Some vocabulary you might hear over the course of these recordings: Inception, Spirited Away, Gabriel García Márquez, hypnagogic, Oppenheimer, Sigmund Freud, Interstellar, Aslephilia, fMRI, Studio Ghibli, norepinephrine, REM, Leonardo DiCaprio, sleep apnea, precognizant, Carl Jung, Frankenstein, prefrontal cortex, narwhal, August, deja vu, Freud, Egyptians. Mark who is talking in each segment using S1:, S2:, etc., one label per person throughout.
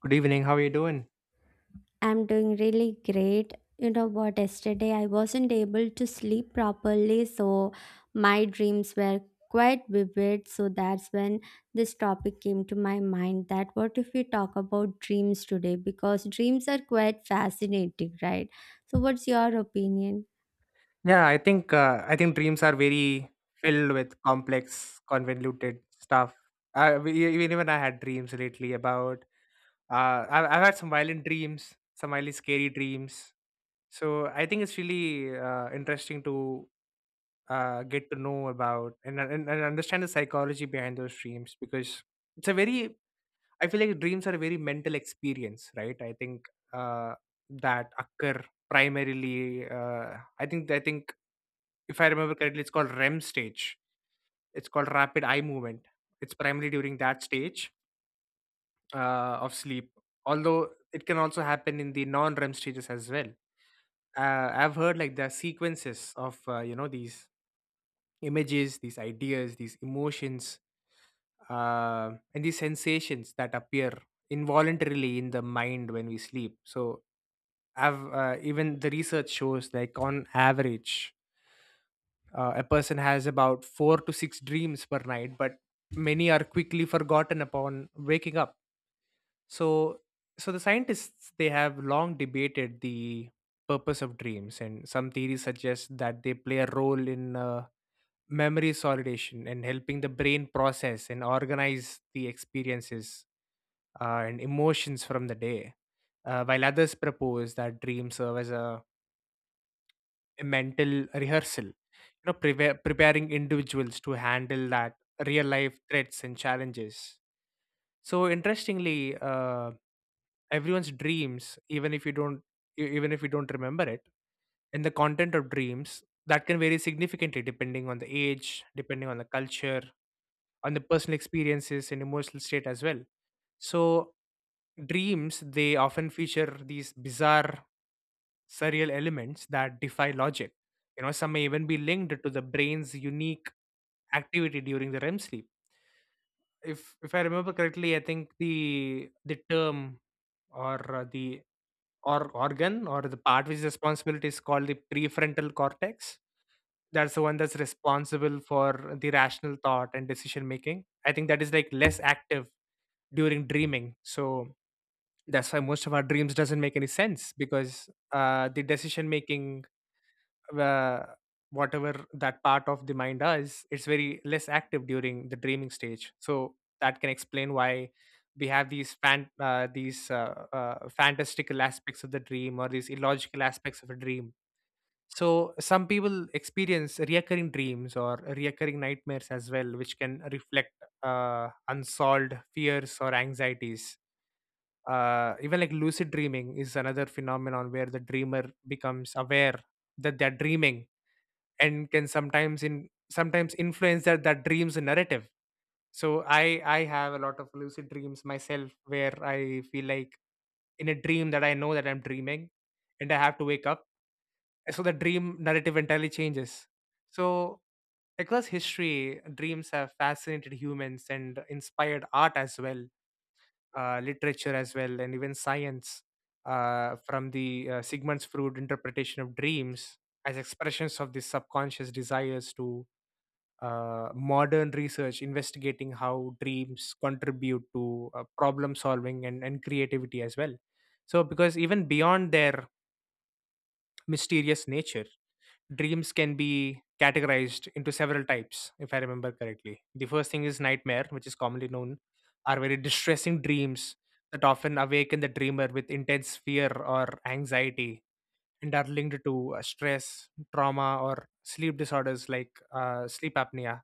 S1: Good evening. How are you doing?
S2: I'm doing really great. You know what? Yesterday I wasn't able to sleep properly, so my dreams were quite vivid. So that's when this topic came to my mind that what if we talk about dreams today? Because dreams are quite fascinating, right? So, what's your opinion?
S1: Yeah, I think dreams are very filled with complex, convoluted stuff. I, we- e, even even I had dreams lately about. I've had some violent dreams, some really scary dreams. So I think it's really interesting to get to know about and understand the psychology behind those dreams because it's a very. I feel like dreams are a very mental experience, right? I think uh, that occur primarily. I think if I remember correctly, it's called REM stage. It's called rapid eye movement. It's primarily during that stage of sleep, although it can also happen in the non-REM stages as well. I've heard like there are sequences of these images, these ideas, these emotions, and these sensations that appear involuntarily in the mind when we sleep. So I've even the research shows like on average. A person has about four to six dreams per night, but many are quickly forgotten upon waking up. So, so the scientists they have long debated the purpose of dreams, and some theories suggest that they play a role in memory solidation and helping the brain process and organize the experiences and emotions from the day. While others propose that dreams serve as a mental rehearsal, preparing individuals to handle that real life threats and challenges. So interestingly, everyone's dreams, even if you don't even if you don't remember it, and the content of dreams that can vary significantly depending on the age, depending on the culture, on the personal experiences and emotional state as well. So dreams, they often feature these bizarre surreal elements that defy logic. You know, some may even be linked to the brain's unique activity during the REM sleep. If I remember correctly, I think the term or the or organ or the part which is responsible is called the prefrontal cortex. That's the one that's responsible for the rational thought and decision making. I think that is like less active during dreaming. So that's why most of our dreams doesn't make any sense because the decision making, uh, whatever that part of the mind does, it's very less active during the dreaming stage. So that can explain why we have these fan these fantastical aspects of the dream or these illogical aspects of a dream. So some people experience recurring dreams or recurring nightmares as well, which can reflect unsolved fears or anxieties. Even like lucid dreaming is another phenomenon where the dreamer becomes aware that they're dreaming and can sometimes influence that dreams narrative. So I have a lot of lucid dreams myself where I feel like in a dream that I know that I'm dreaming and I have to wake up, so the dream narrative entirely changes. So across history, dreams have fascinated humans and inspired art as well, literature as well, and even science, from the Sigmund Freud interpretation of dreams as expressions of the subconscious desires to modern research investigating how dreams contribute to problem solving and creativity as well. So, because even beyond their mysterious nature, dreams can be categorized into several types, if I remember correctly. The first thing is nightmare, which is commonly known, are very distressing dreams that often awaken the dreamer with intense fear or anxiety, and are linked to stress, trauma, or sleep disorders like sleep apnea.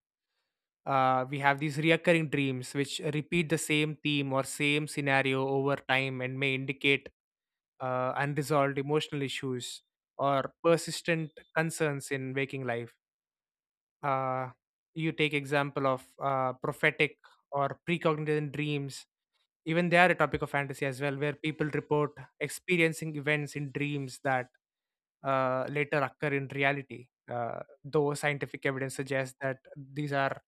S1: Uh, we have these reoccurring dreams which repeat the same theme or same scenario over time and may indicate unresolved emotional issues or persistent concerns in waking life. Uh, you take example of prophetic or precognizant dreams. Even they are a topic of fantasy as well, where people report experiencing events in dreams that later occur in reality. Though scientific evidence suggests that these are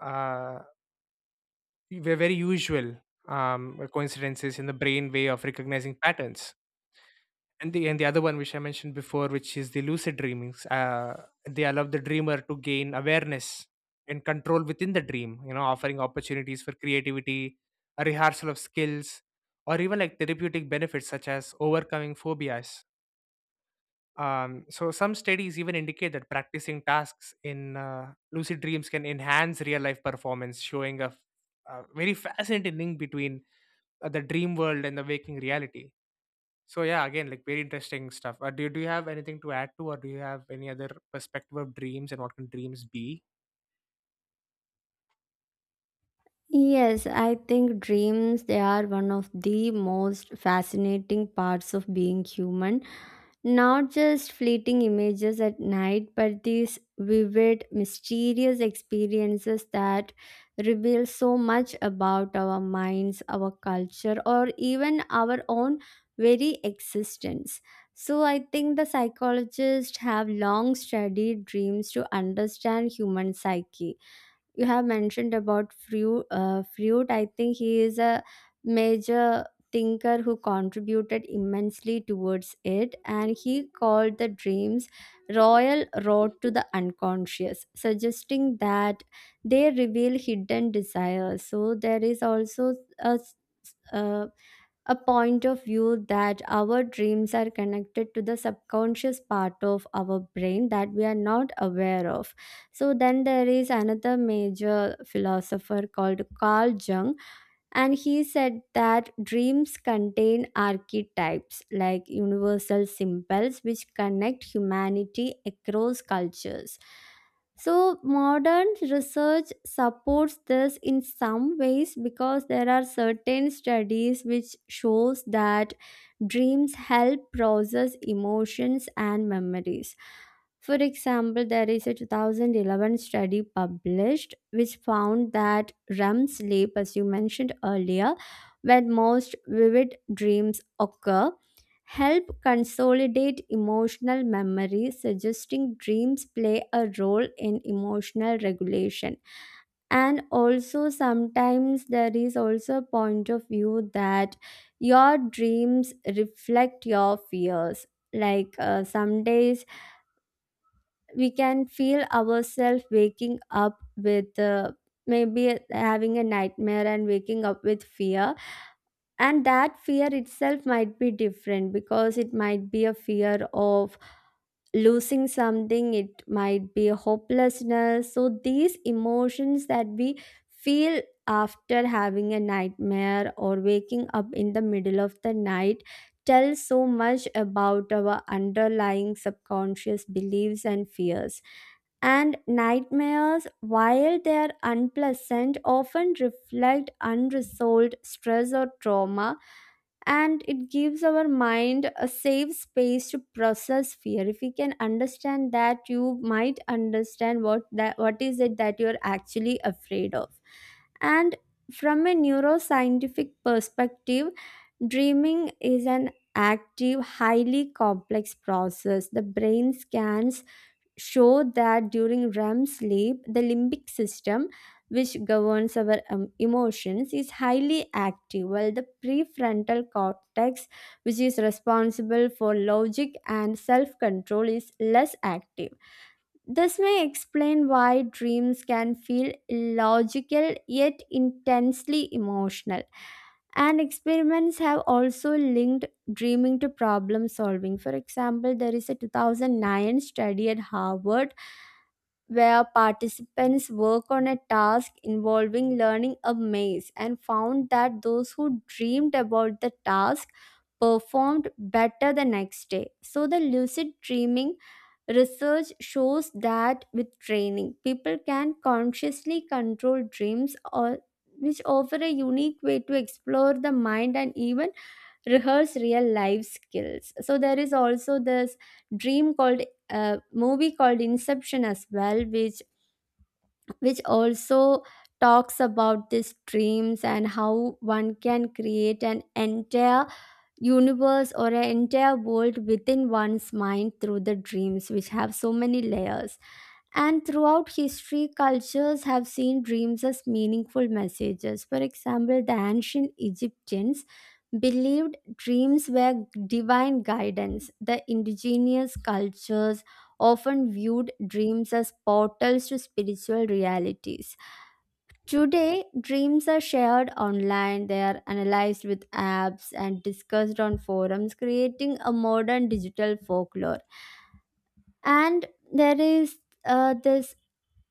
S1: uh, were very usual coincidences in the brain way of recognizing patterns. And the other one which I mentioned before, which is the lucid dreamings, they allow the dreamer to gain awareness and control within the dream. You know, offering opportunities for creativity, a rehearsal of skills, or even like therapeutic benefits such as overcoming phobias. So some studies even indicate that practicing tasks in lucid dreams can enhance real life performance, showing a very fascinating link between the dream world and the waking reality. So yeah, again, like very interesting stuff. Do you have anything to add to, or do you have any other perspective of dreams and what can dreams be?
S2: Yes, I think dreams they are one of the most fascinating parts of being human. Not just fleeting images at night, but these vivid, mysterious experiences that reveal so much about our minds, our culture, or even our own very existence. So, I think the psychologists have long studied dreams to understand human psyche. You have mentioned about Freud. Freud, I think he is a major thinker who contributed immensely towards it, and he called the dreams royal road to the unconscious, suggesting that they reveal hidden desires. So there is also a uh, a point of view that our dreams are connected to the subconscious part of our brain that we are not aware of. So, then there is another major philosopher called Carl Jung, and he said that dreams contain archetypes like universal symbols which connect humanity across cultures. So, modern research supports this in some ways because there are certain studies which shows that dreams help process emotions and memories. For example, there is a 2011 study published which found that REM sleep, as you mentioned earlier, where most vivid dreams occur, help consolidate emotional memory, suggesting dreams play a role in emotional regulation. And also, sometimes there is also a point of view that your dreams reflect your fears. Like some days we can feel ourselves waking up with maybe having a nightmare and waking up with fear, and that fear itself might be different because it might be a fear of losing something. It might be hopelessness. So these emotions that we feel after having a nightmare or waking up in the middle of the night tell so much about our underlying subconscious beliefs and fears. And nightmares, while they are unpleasant, often reflect unresolved stress or trauma, and it gives our mind a safe space to process fear. If we can understand that, you might understand what is it that you're actually afraid of. And from a neuroscientific perspective, dreaming is an active, highly complex process. The brain scans show that during REM sleep, the limbic system, which governs our emotions, is highly active, while the prefrontal cortex, which is responsible for logic and self control, is less active. This may explain why dreams can feel illogical yet intensely emotional. And experiments have also linked dreaming to problem solving. For example, there is a 2009 study at Harvard where participants work on a task involving learning a maze and found that those who dreamed about the task performed better the next day. So, the lucid dreaming research shows that with training, people can consciously control dreams, or which offer a unique way to explore the mind and even rehearse real life skills. So there is also this dream called movie called Inception as well, which also talks about these dreams and how one can create an entire universe or an entire world within one's mind through the dreams, which have so many layers. And throughout history, cultures have seen dreams as meaningful messages. For example, the ancient Egyptians believed dreams were divine guidance. The indigenous cultures often viewed dreams as portals to spiritual realities. Today, dreams are shared online, they are analyzed with apps and discussed on forums, creating a modern digital folklore. And there is, this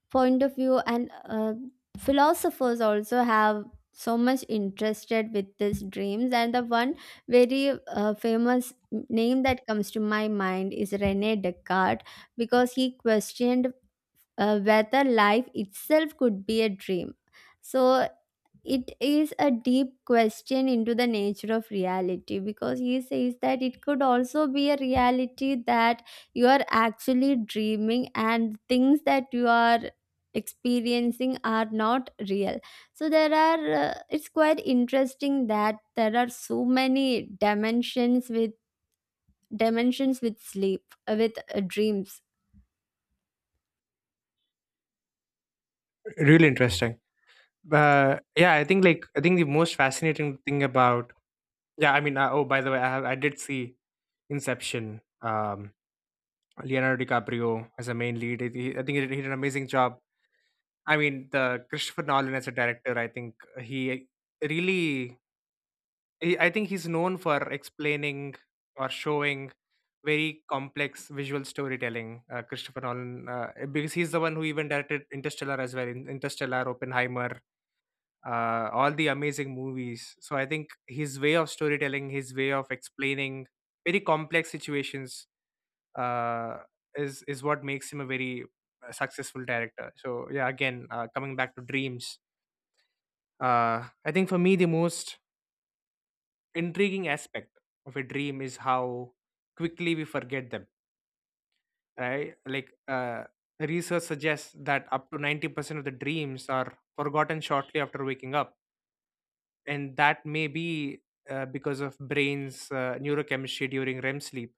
S2: point of view, and philosophers also have so much interested with these dreams, and the one very famous name that comes to my mind is Rene Descartes, because he questioned whether life itself could be a dream. So it is a deep question into the nature of reality, because he says that it could also be a reality that you are actually dreaming and things that you are experiencing are not real. So there are it's quite interesting that there are so many dimensions with sleep, with dreams.
S1: Really interesting. Yeah, I think like I think the most fascinating thing about, yeah, I mean, oh by the way, I did see Inception. Leonardo DiCaprio as a main lead. I think he did an amazing job. I mean, the Christopher Nolan as a director, I think he really, I think he's known for explaining or showing very complex visual storytelling. Christopher Nolan, because he's the one who even directed Interstellar as well, Interstellar, Oppenheimer, all the amazing movies. So I think his way of storytelling, his way of explaining very complex situations, uh, is what makes him a very successful director. So yeah, again, coming back to dreams, I think for me, the most intriguing aspect of a dream is how quickly we forget them, right? Research suggests that up to 90% of the dreams are forgotten shortly after waking up. And that may be because of brain's neurochemistry during REM sleep,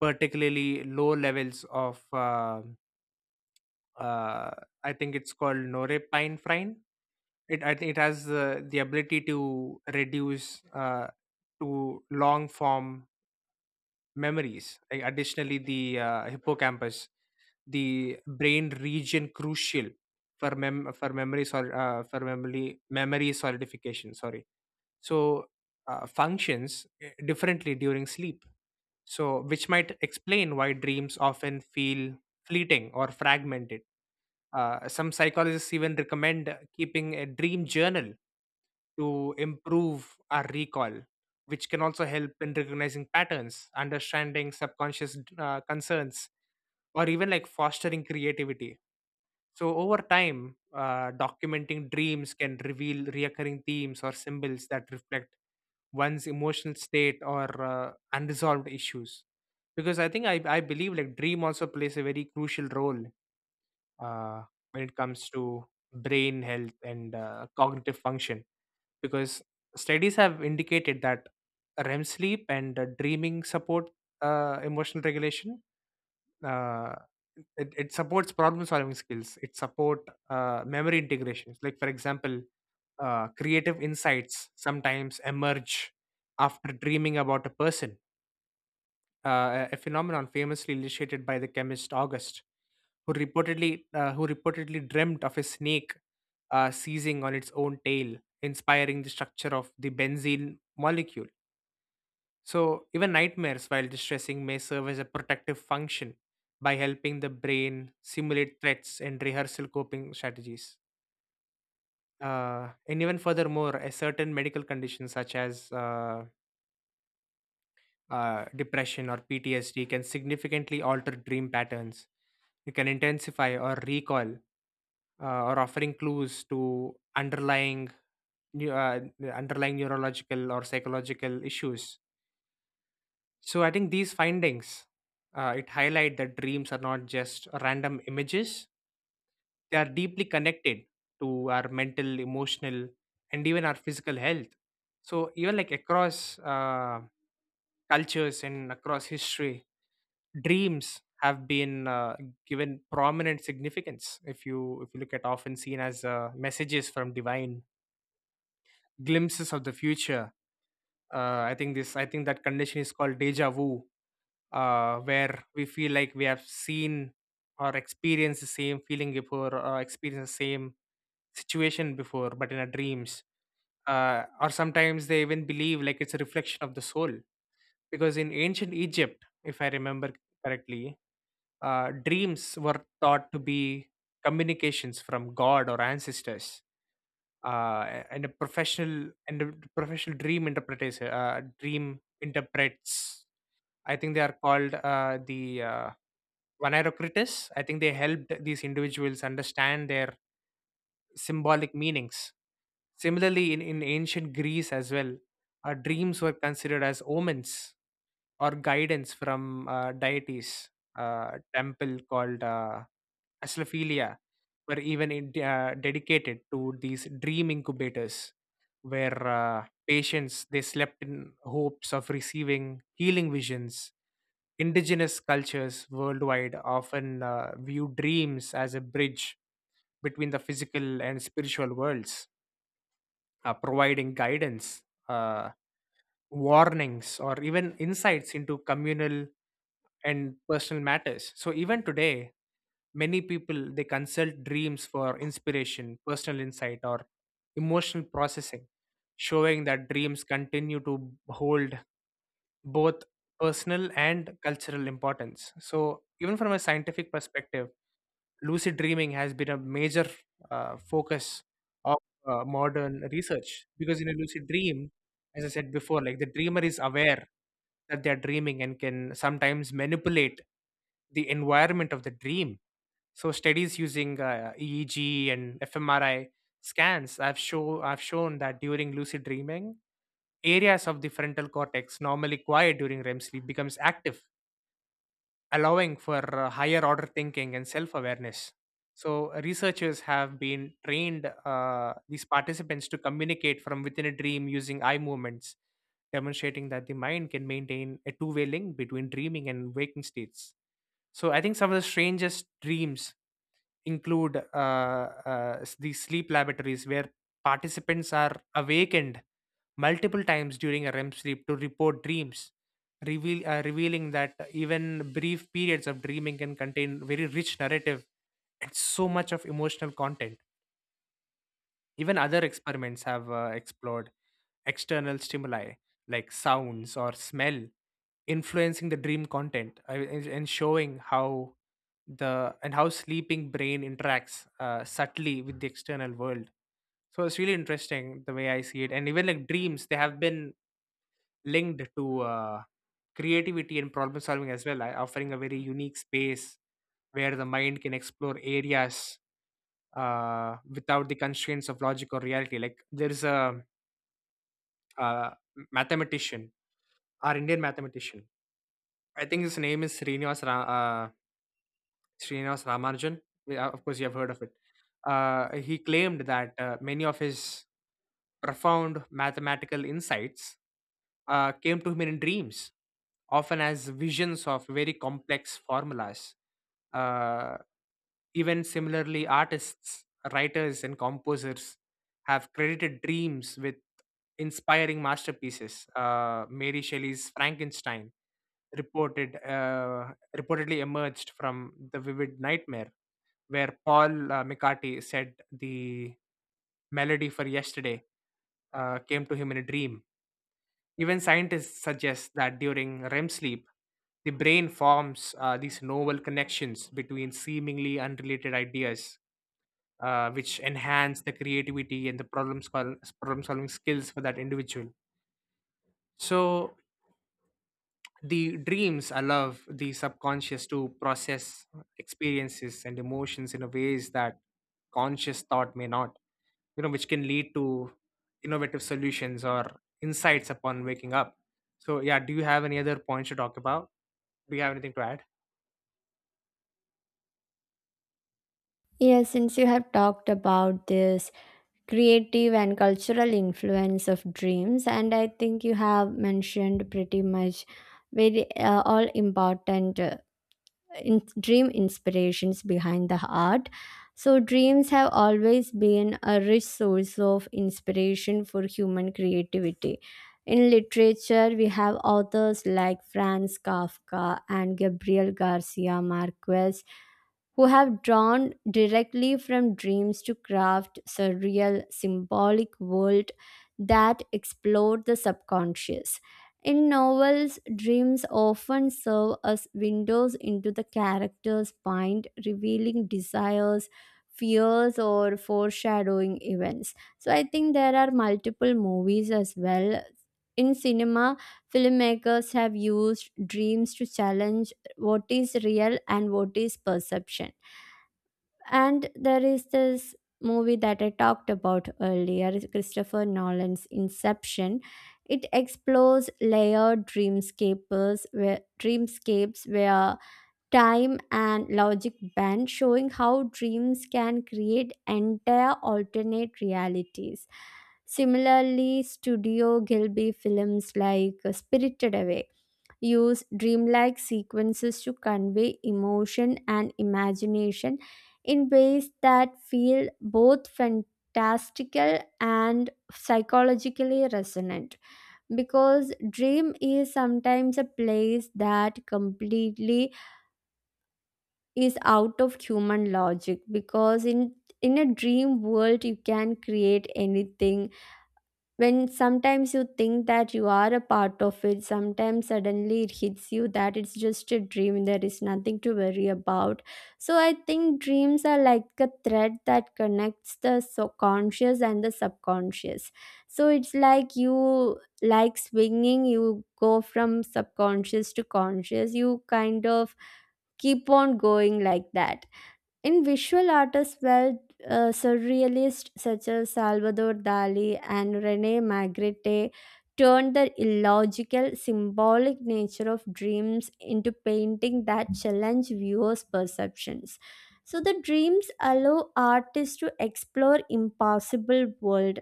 S1: particularly low levels of, uh, I think it's called norepinephrine. It i think it has the ability to reduce to long form memories. Additionally, the hippocampus, the brain region crucial for for memory solidification, sorry, so functions differently during sleep, so which might explain why dreams often feel fleeting or fragmented. Uh, some psychologists even recommend keeping a dream journal to improve our recall, which can also help in recognizing patterns, understanding subconscious concerns, or even like fostering creativity. So, over time, documenting dreams can reveal reoccurring themes or symbols that reflect one's emotional state or unresolved issues. Because I think I believe like dream also plays a very crucial role uh, when it comes to brain health and cognitive function, because studies have indicated that REM sleep and dreaming support emotional regulation. Uh, it supports problem solving skills. It support memory integrations. Like for example, creative insights sometimes emerge after dreaming about a person, a phenomenon famously illustrated by the chemist August, who reportedly dreamt of a snake seizing on its own tail, inspiring the structure of the benzene molecule. So even nightmares while distressing may serve as a protective function by helping the brain simulate threats and rehearsal coping strategies. And even furthermore, a certain medical condition such as depression or PTSD can significantly alter dream patterns. It can intensify or recall, or offering clues to underlying neu- uh, underlying neurological or psychological issues. So I think these findings, it highlight that dreams are not just random images; they are deeply connected to our mental, emotional, and even our physical health. So even like across cultures and across history, dreams have been given prominent significance, if you look at, often seen as messages from divine, glimpses of the future. I think that condition is called deja vu, where we feel like we have seen or experienced the same feeling before or experienced the same situation before, but in our dreams. Or sometimes they even believe like it's a reflection of the soul, because in ancient Egypt, if I remember correctly, dreams were thought to be communications from God or ancestors, and a professional dream interpreters, dream interprets. I think they are called the vanarocritus. I think they helped these individuals understand their symbolic meanings. Similarly, in ancient Greece as well, dreams were considered as omens or guidance from deities. Uh, temple called Aslephilia were even in, dedicated to these dream incubators, where patients they slept in hopes of receiving healing visions. Indigenous cultures worldwide often view dreams as a bridge between the physical and spiritual worlds, providing guidance, uh, warnings, or even insights into communal and personal matters. So even today, many people they consult dreams for inspiration, personal insight, or emotional processing, showing that dreams continue to hold both personal and cultural importance. So even from a scientific perspective, lucid dreaming has been a major focus of modern research because in a lucid dream, as I said before, like the dreamer is aware that they are dreaming and can sometimes manipulate the environment of the dream. So studies using eeg and fmri scans have shown that during lucid dreaming, areas of the frontal cortex normally quiet during rem sleep becomes active, allowing for higher order thinking and self awareness. So, researchers have been trained these participants to communicate from within a dream using eye movements, demonstrating that the mind can maintain a two-way link between dreaming and waking states. So, I think some of the strangest dreams include these sleep laboratories where participants are awakened multiple times during a REM sleep to report dreams, revealing that even brief periods of dreaming can contain very rich narrative and so much of emotional content. Even other experiments have explored external stimuli like sounds or smell influencing the dream content, and showing how the and how sleeping brain interacts subtly with the external world. So it's really interesting the way I see it. And even like dreams, they have been linked to creativity and problem solving as well, offering a very unique space where the mind can explore areas without the constraints of logic or reality. Like there's a, uh mathematician, our Indian mathematician. I think his name is Srinivas Ramanujan. Of course, you have heard of it. He claimed that many of his profound mathematical insights came to him in dreams, often as visions of very complex formulas. Uh, Even similarly, artists, writers, and composers have credited dreams with inspiring masterpieces. Mary Shelley's Frankenstein reportedly emerged from the vivid nightmare, where Paul McCartney said the melody for yesterday came to him in a dream. Even scientists suggest that during REM sleep, the brain forms these novel connections between seemingly unrelated ideas, which enhance the creativity and the problem solving skills for that individual. So, the dreams allow the subconscious to process experiences and emotions in a ways that conscious thought may not, you know, which can lead to innovative solutions or insights upon waking up. So, yeah, do you have any other points to talk about? Do you have anything to add?
S2: Yeah, since you have talked about this creative and cultural influence of dreams, and I think you have mentioned pretty much very, all important, dream inspirations behind the art. So dreams have always been a rich source of inspiration for human creativity. In literature, we have authors like Franz Kafka and Gabriel Garcia Marquez, who have drawn directly from dreams to craft surreal symbolic world that explore the subconscious. In novels, dreams often serve as windows into the character's mind, revealing desires, fears, or foreshadowing events. So, I think there are multiple movies as well. In cinema, filmmakers have used dreams to challenge what is real and what is perception. And there is this movie that I talked about earlier, Christopher Nolan's Inception. It explores layered dreamscapers where dreamscapes where time and logic bend, showing how dreams can create entire alternate realities. Similarly, Studio Gilby films like Spirited Away use dreamlike sequences to convey emotion and imagination in ways that feel both fantastical and psychologically resonant, because dream is sometimes a place that completely is out of human logic. Because in a dream world you can create anything. When sometimes you think that you are a part of it, sometimes suddenly it hits you that it's just a dream, there is nothing to worry about. So I think dreams are like a thread that connects the conscious and the subconscious. So it's like you, like swinging, you go from subconscious to conscious, you kind of keep on going like that. In visual artists well, surrealists such as Salvador Dali and Rene Magritte turned the illogical symbolic nature of dreams into painting that challenge viewers' perceptions. So the dreams allow artists to explore impossible world.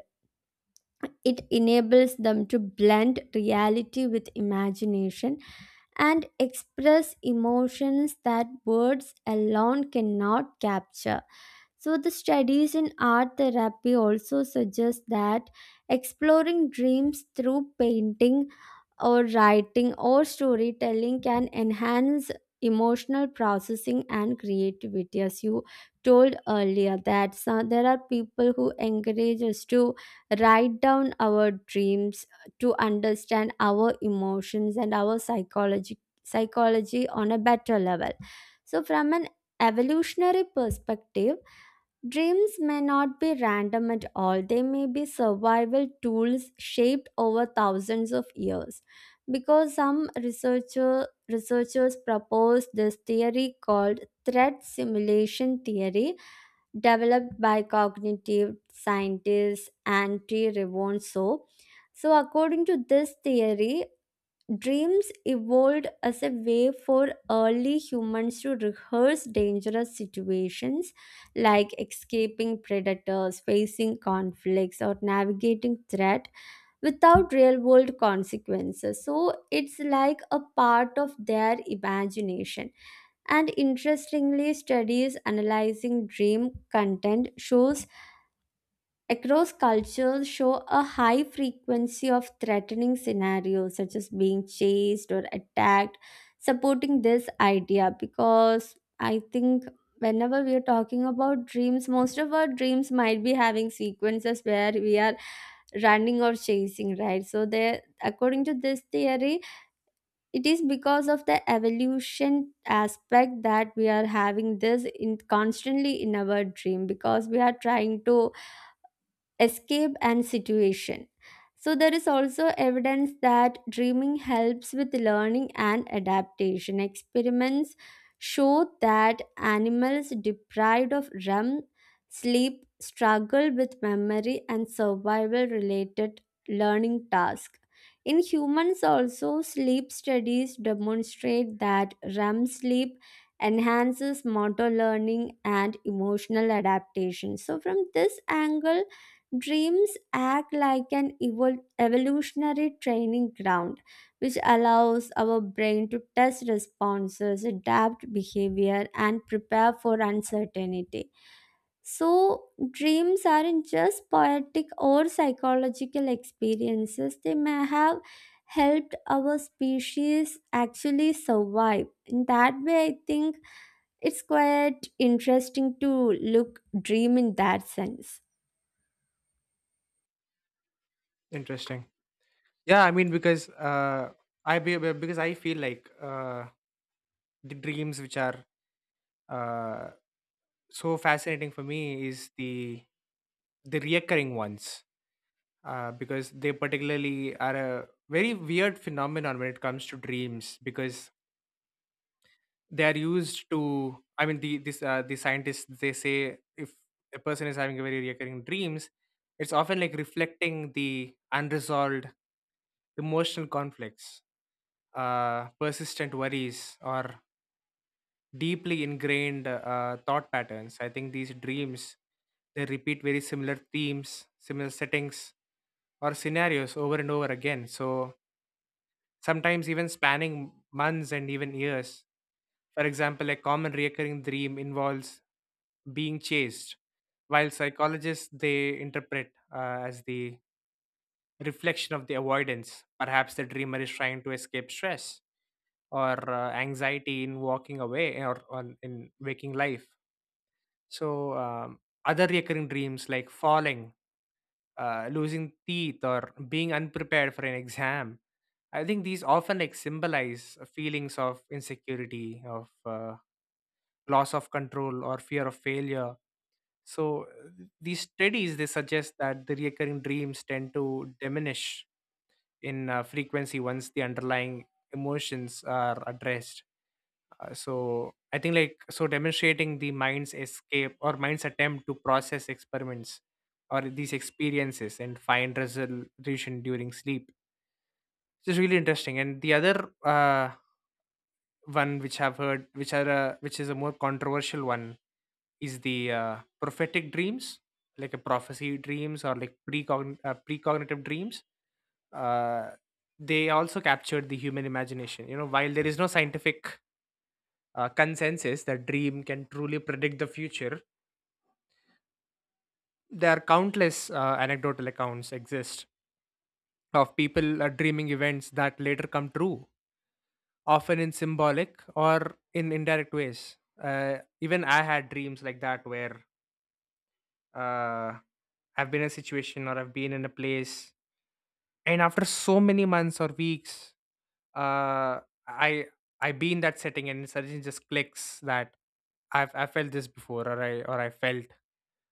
S2: It enables them to blend reality with imagination and express emotions that words alone cannot capture. So, the studies in art therapy also suggest that exploring dreams through painting or writing or storytelling can enhance emotional processing and creativity, as you told earlier that there are people who encourage us to write down our dreams to understand our emotions and our psychology on a better level. So from an evolutionary perspective, dreams may not be random at all. They may be survival tools shaped over thousands of years. Because some researchers proposed this theory called threat simulation theory, developed by cognitive scientist Antti Rivonso. So, according to this theory, dreams evolved as a way for early humans to rehearse dangerous situations like escaping predators, facing conflicts, or navigating threat without real world consequences. So it's like a part of their imagination. And interestingly, studies analyzing dream content shows across cultures show a high frequency of threatening scenarios such as being chased or attacked, supporting this idea, because I think whenever we are talking about dreams, most of our dreams might be having sequences where we are running or chasing, right? So there, according to this theory, it is because of the evolution aspect that we are having this in constantly in our dream because we are trying to escape and situation. So, there is also evidence that dreaming helps with learning and adaptation. Experiments show that animals deprived of REM sleep struggle with memory and survival related learning tasks. In humans, also, sleep studies demonstrate that REM sleep enhances motor learning and emotional adaptation. So, from this angle, dreams act like an evolutionary training ground, which allows our brain to test responses, adapt behavior, and prepare for uncertainty. So, dreams aren't just poetic or psychological experiences, they may have helped our species actually survive. In that way, I think it's quite interesting to look dream in that sense.
S1: Interesting. Yeah, I mean, because because I feel like the dreams which are uh so fascinating for me is the reoccurring ones, because they particularly are a very weird phenomenon when it comes to dreams, because they are used to, I mean, the scientists, they say, if a person is having a very reoccurring dreams, it's often like reflecting the unresolved emotional conflicts, persistent worries, or deeply ingrained thought patterns. I think these dreams, they repeat very similar themes, similar settings, or scenarios over and over again. So sometimes even spanning months and even years. For example, a common recurring dream involves being chased, while psychologists, they interpret as the reflection of the avoidance. Perhaps the dreamer is trying to escape stress or anxiety in walking away or in waking life. So, other recurring dreams like falling, losing teeth, or being unprepared for an exam. I think these often like symbolize feelings of insecurity, of loss of control, or fear of failure. So, these studies, they suggest that the recurring dreams tend to diminish in frequency once the underlying emotions are addressed. So I think like so demonstrating the mind's escape or mind's attempt to process experiments or these experiences and find resolution during sleep. This is really interesting. And the other one which I've heard, which are which is a more controversial one, is the prophetic dreams, like a prophecy dreams or like precognitive dreams. Uh, they also captured the human imagination. You know, while there is no scientific consensus that dream can truly predict the future, there are countless anecdotal accounts exist of people dreaming events that later come true, often in symbolic or in indirect ways. Even I had dreams like that where uh, I've been in a situation or I've been in a place, and after so many months or weeks, uh i I be in that setting and suddenly just clicks that I felt this before, or I, or I felt,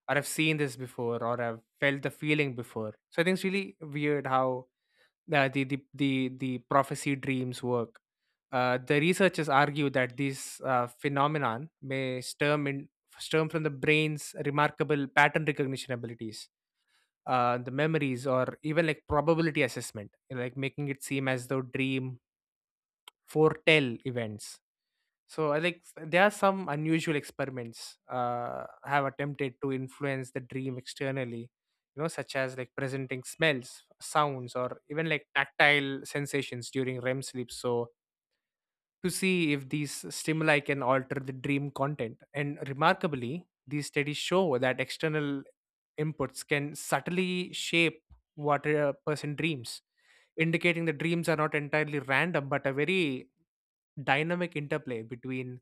S1: or I've seen this before, or I've felt the feeling before. So I think it's really weird how the the the the, the prophecy dreams work. The researchers argue that this phenomenon may stem from the brain's remarkable pattern recognition abilities, the memories, or even like probability assessment, you know, like making it seem as though dream foretell events. So I like there are some unusual experiments have attempted to influence the dream externally, you know, such as like presenting smells, sounds, or even like tactile sensations during REM sleep. So to see if these stimuli can alter the dream content. And remarkably, these studies show that external inputs can subtly shape what a person dreams, indicating that dreams are not entirely random but a very dynamic interplay between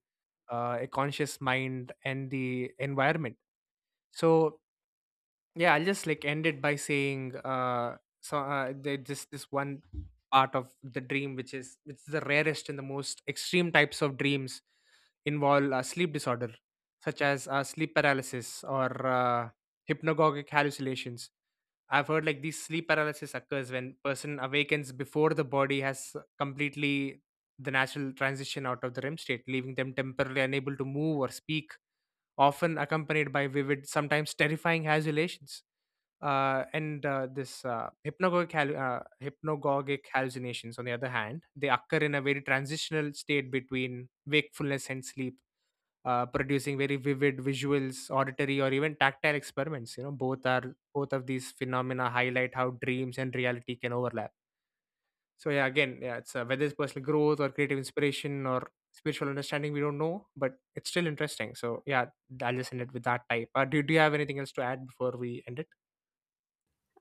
S1: a conscious mind and the environment. So, yeah, I'll just like end it by saying there just this one part of the dream which is the rarest and the most extreme types of dreams involve sleep disorder such as sleep paralysis or hypnagogic hallucinations. I've heard like these sleep paralysis occurs when person awakens before the body has completely the natural transition out of the rem state, leaving them temporarily unable to move or speak, often accompanied by vivid, sometimes terrifying hallucinations. And This hypnagogic hallucinations, on the other hand, they occur in a very transitional state between wakefulness and sleep, producing very vivid visuals, auditory, or even tactile experiments. You know, both of these phenomena highlight how dreams and reality can overlap. So yeah, again, yeah, it's whether it's personal growth or creative inspiration or spiritual understanding, we don't know, but it's still interesting. So yeah, I'll just end it with that type. Do you have anything else to add before we end it?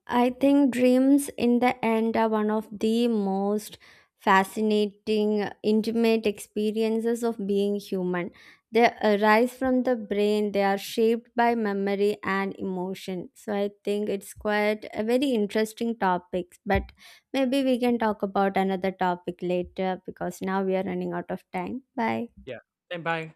S2: I think dreams in the end are one of the most fascinating, intimate experiences of being human. They arise from the brain, they are shaped by memory and emotion. So I think it's quite a very interesting topic, but maybe we can talk about another topic later because now we are running out of time. Bye.
S1: Yeah. And bye.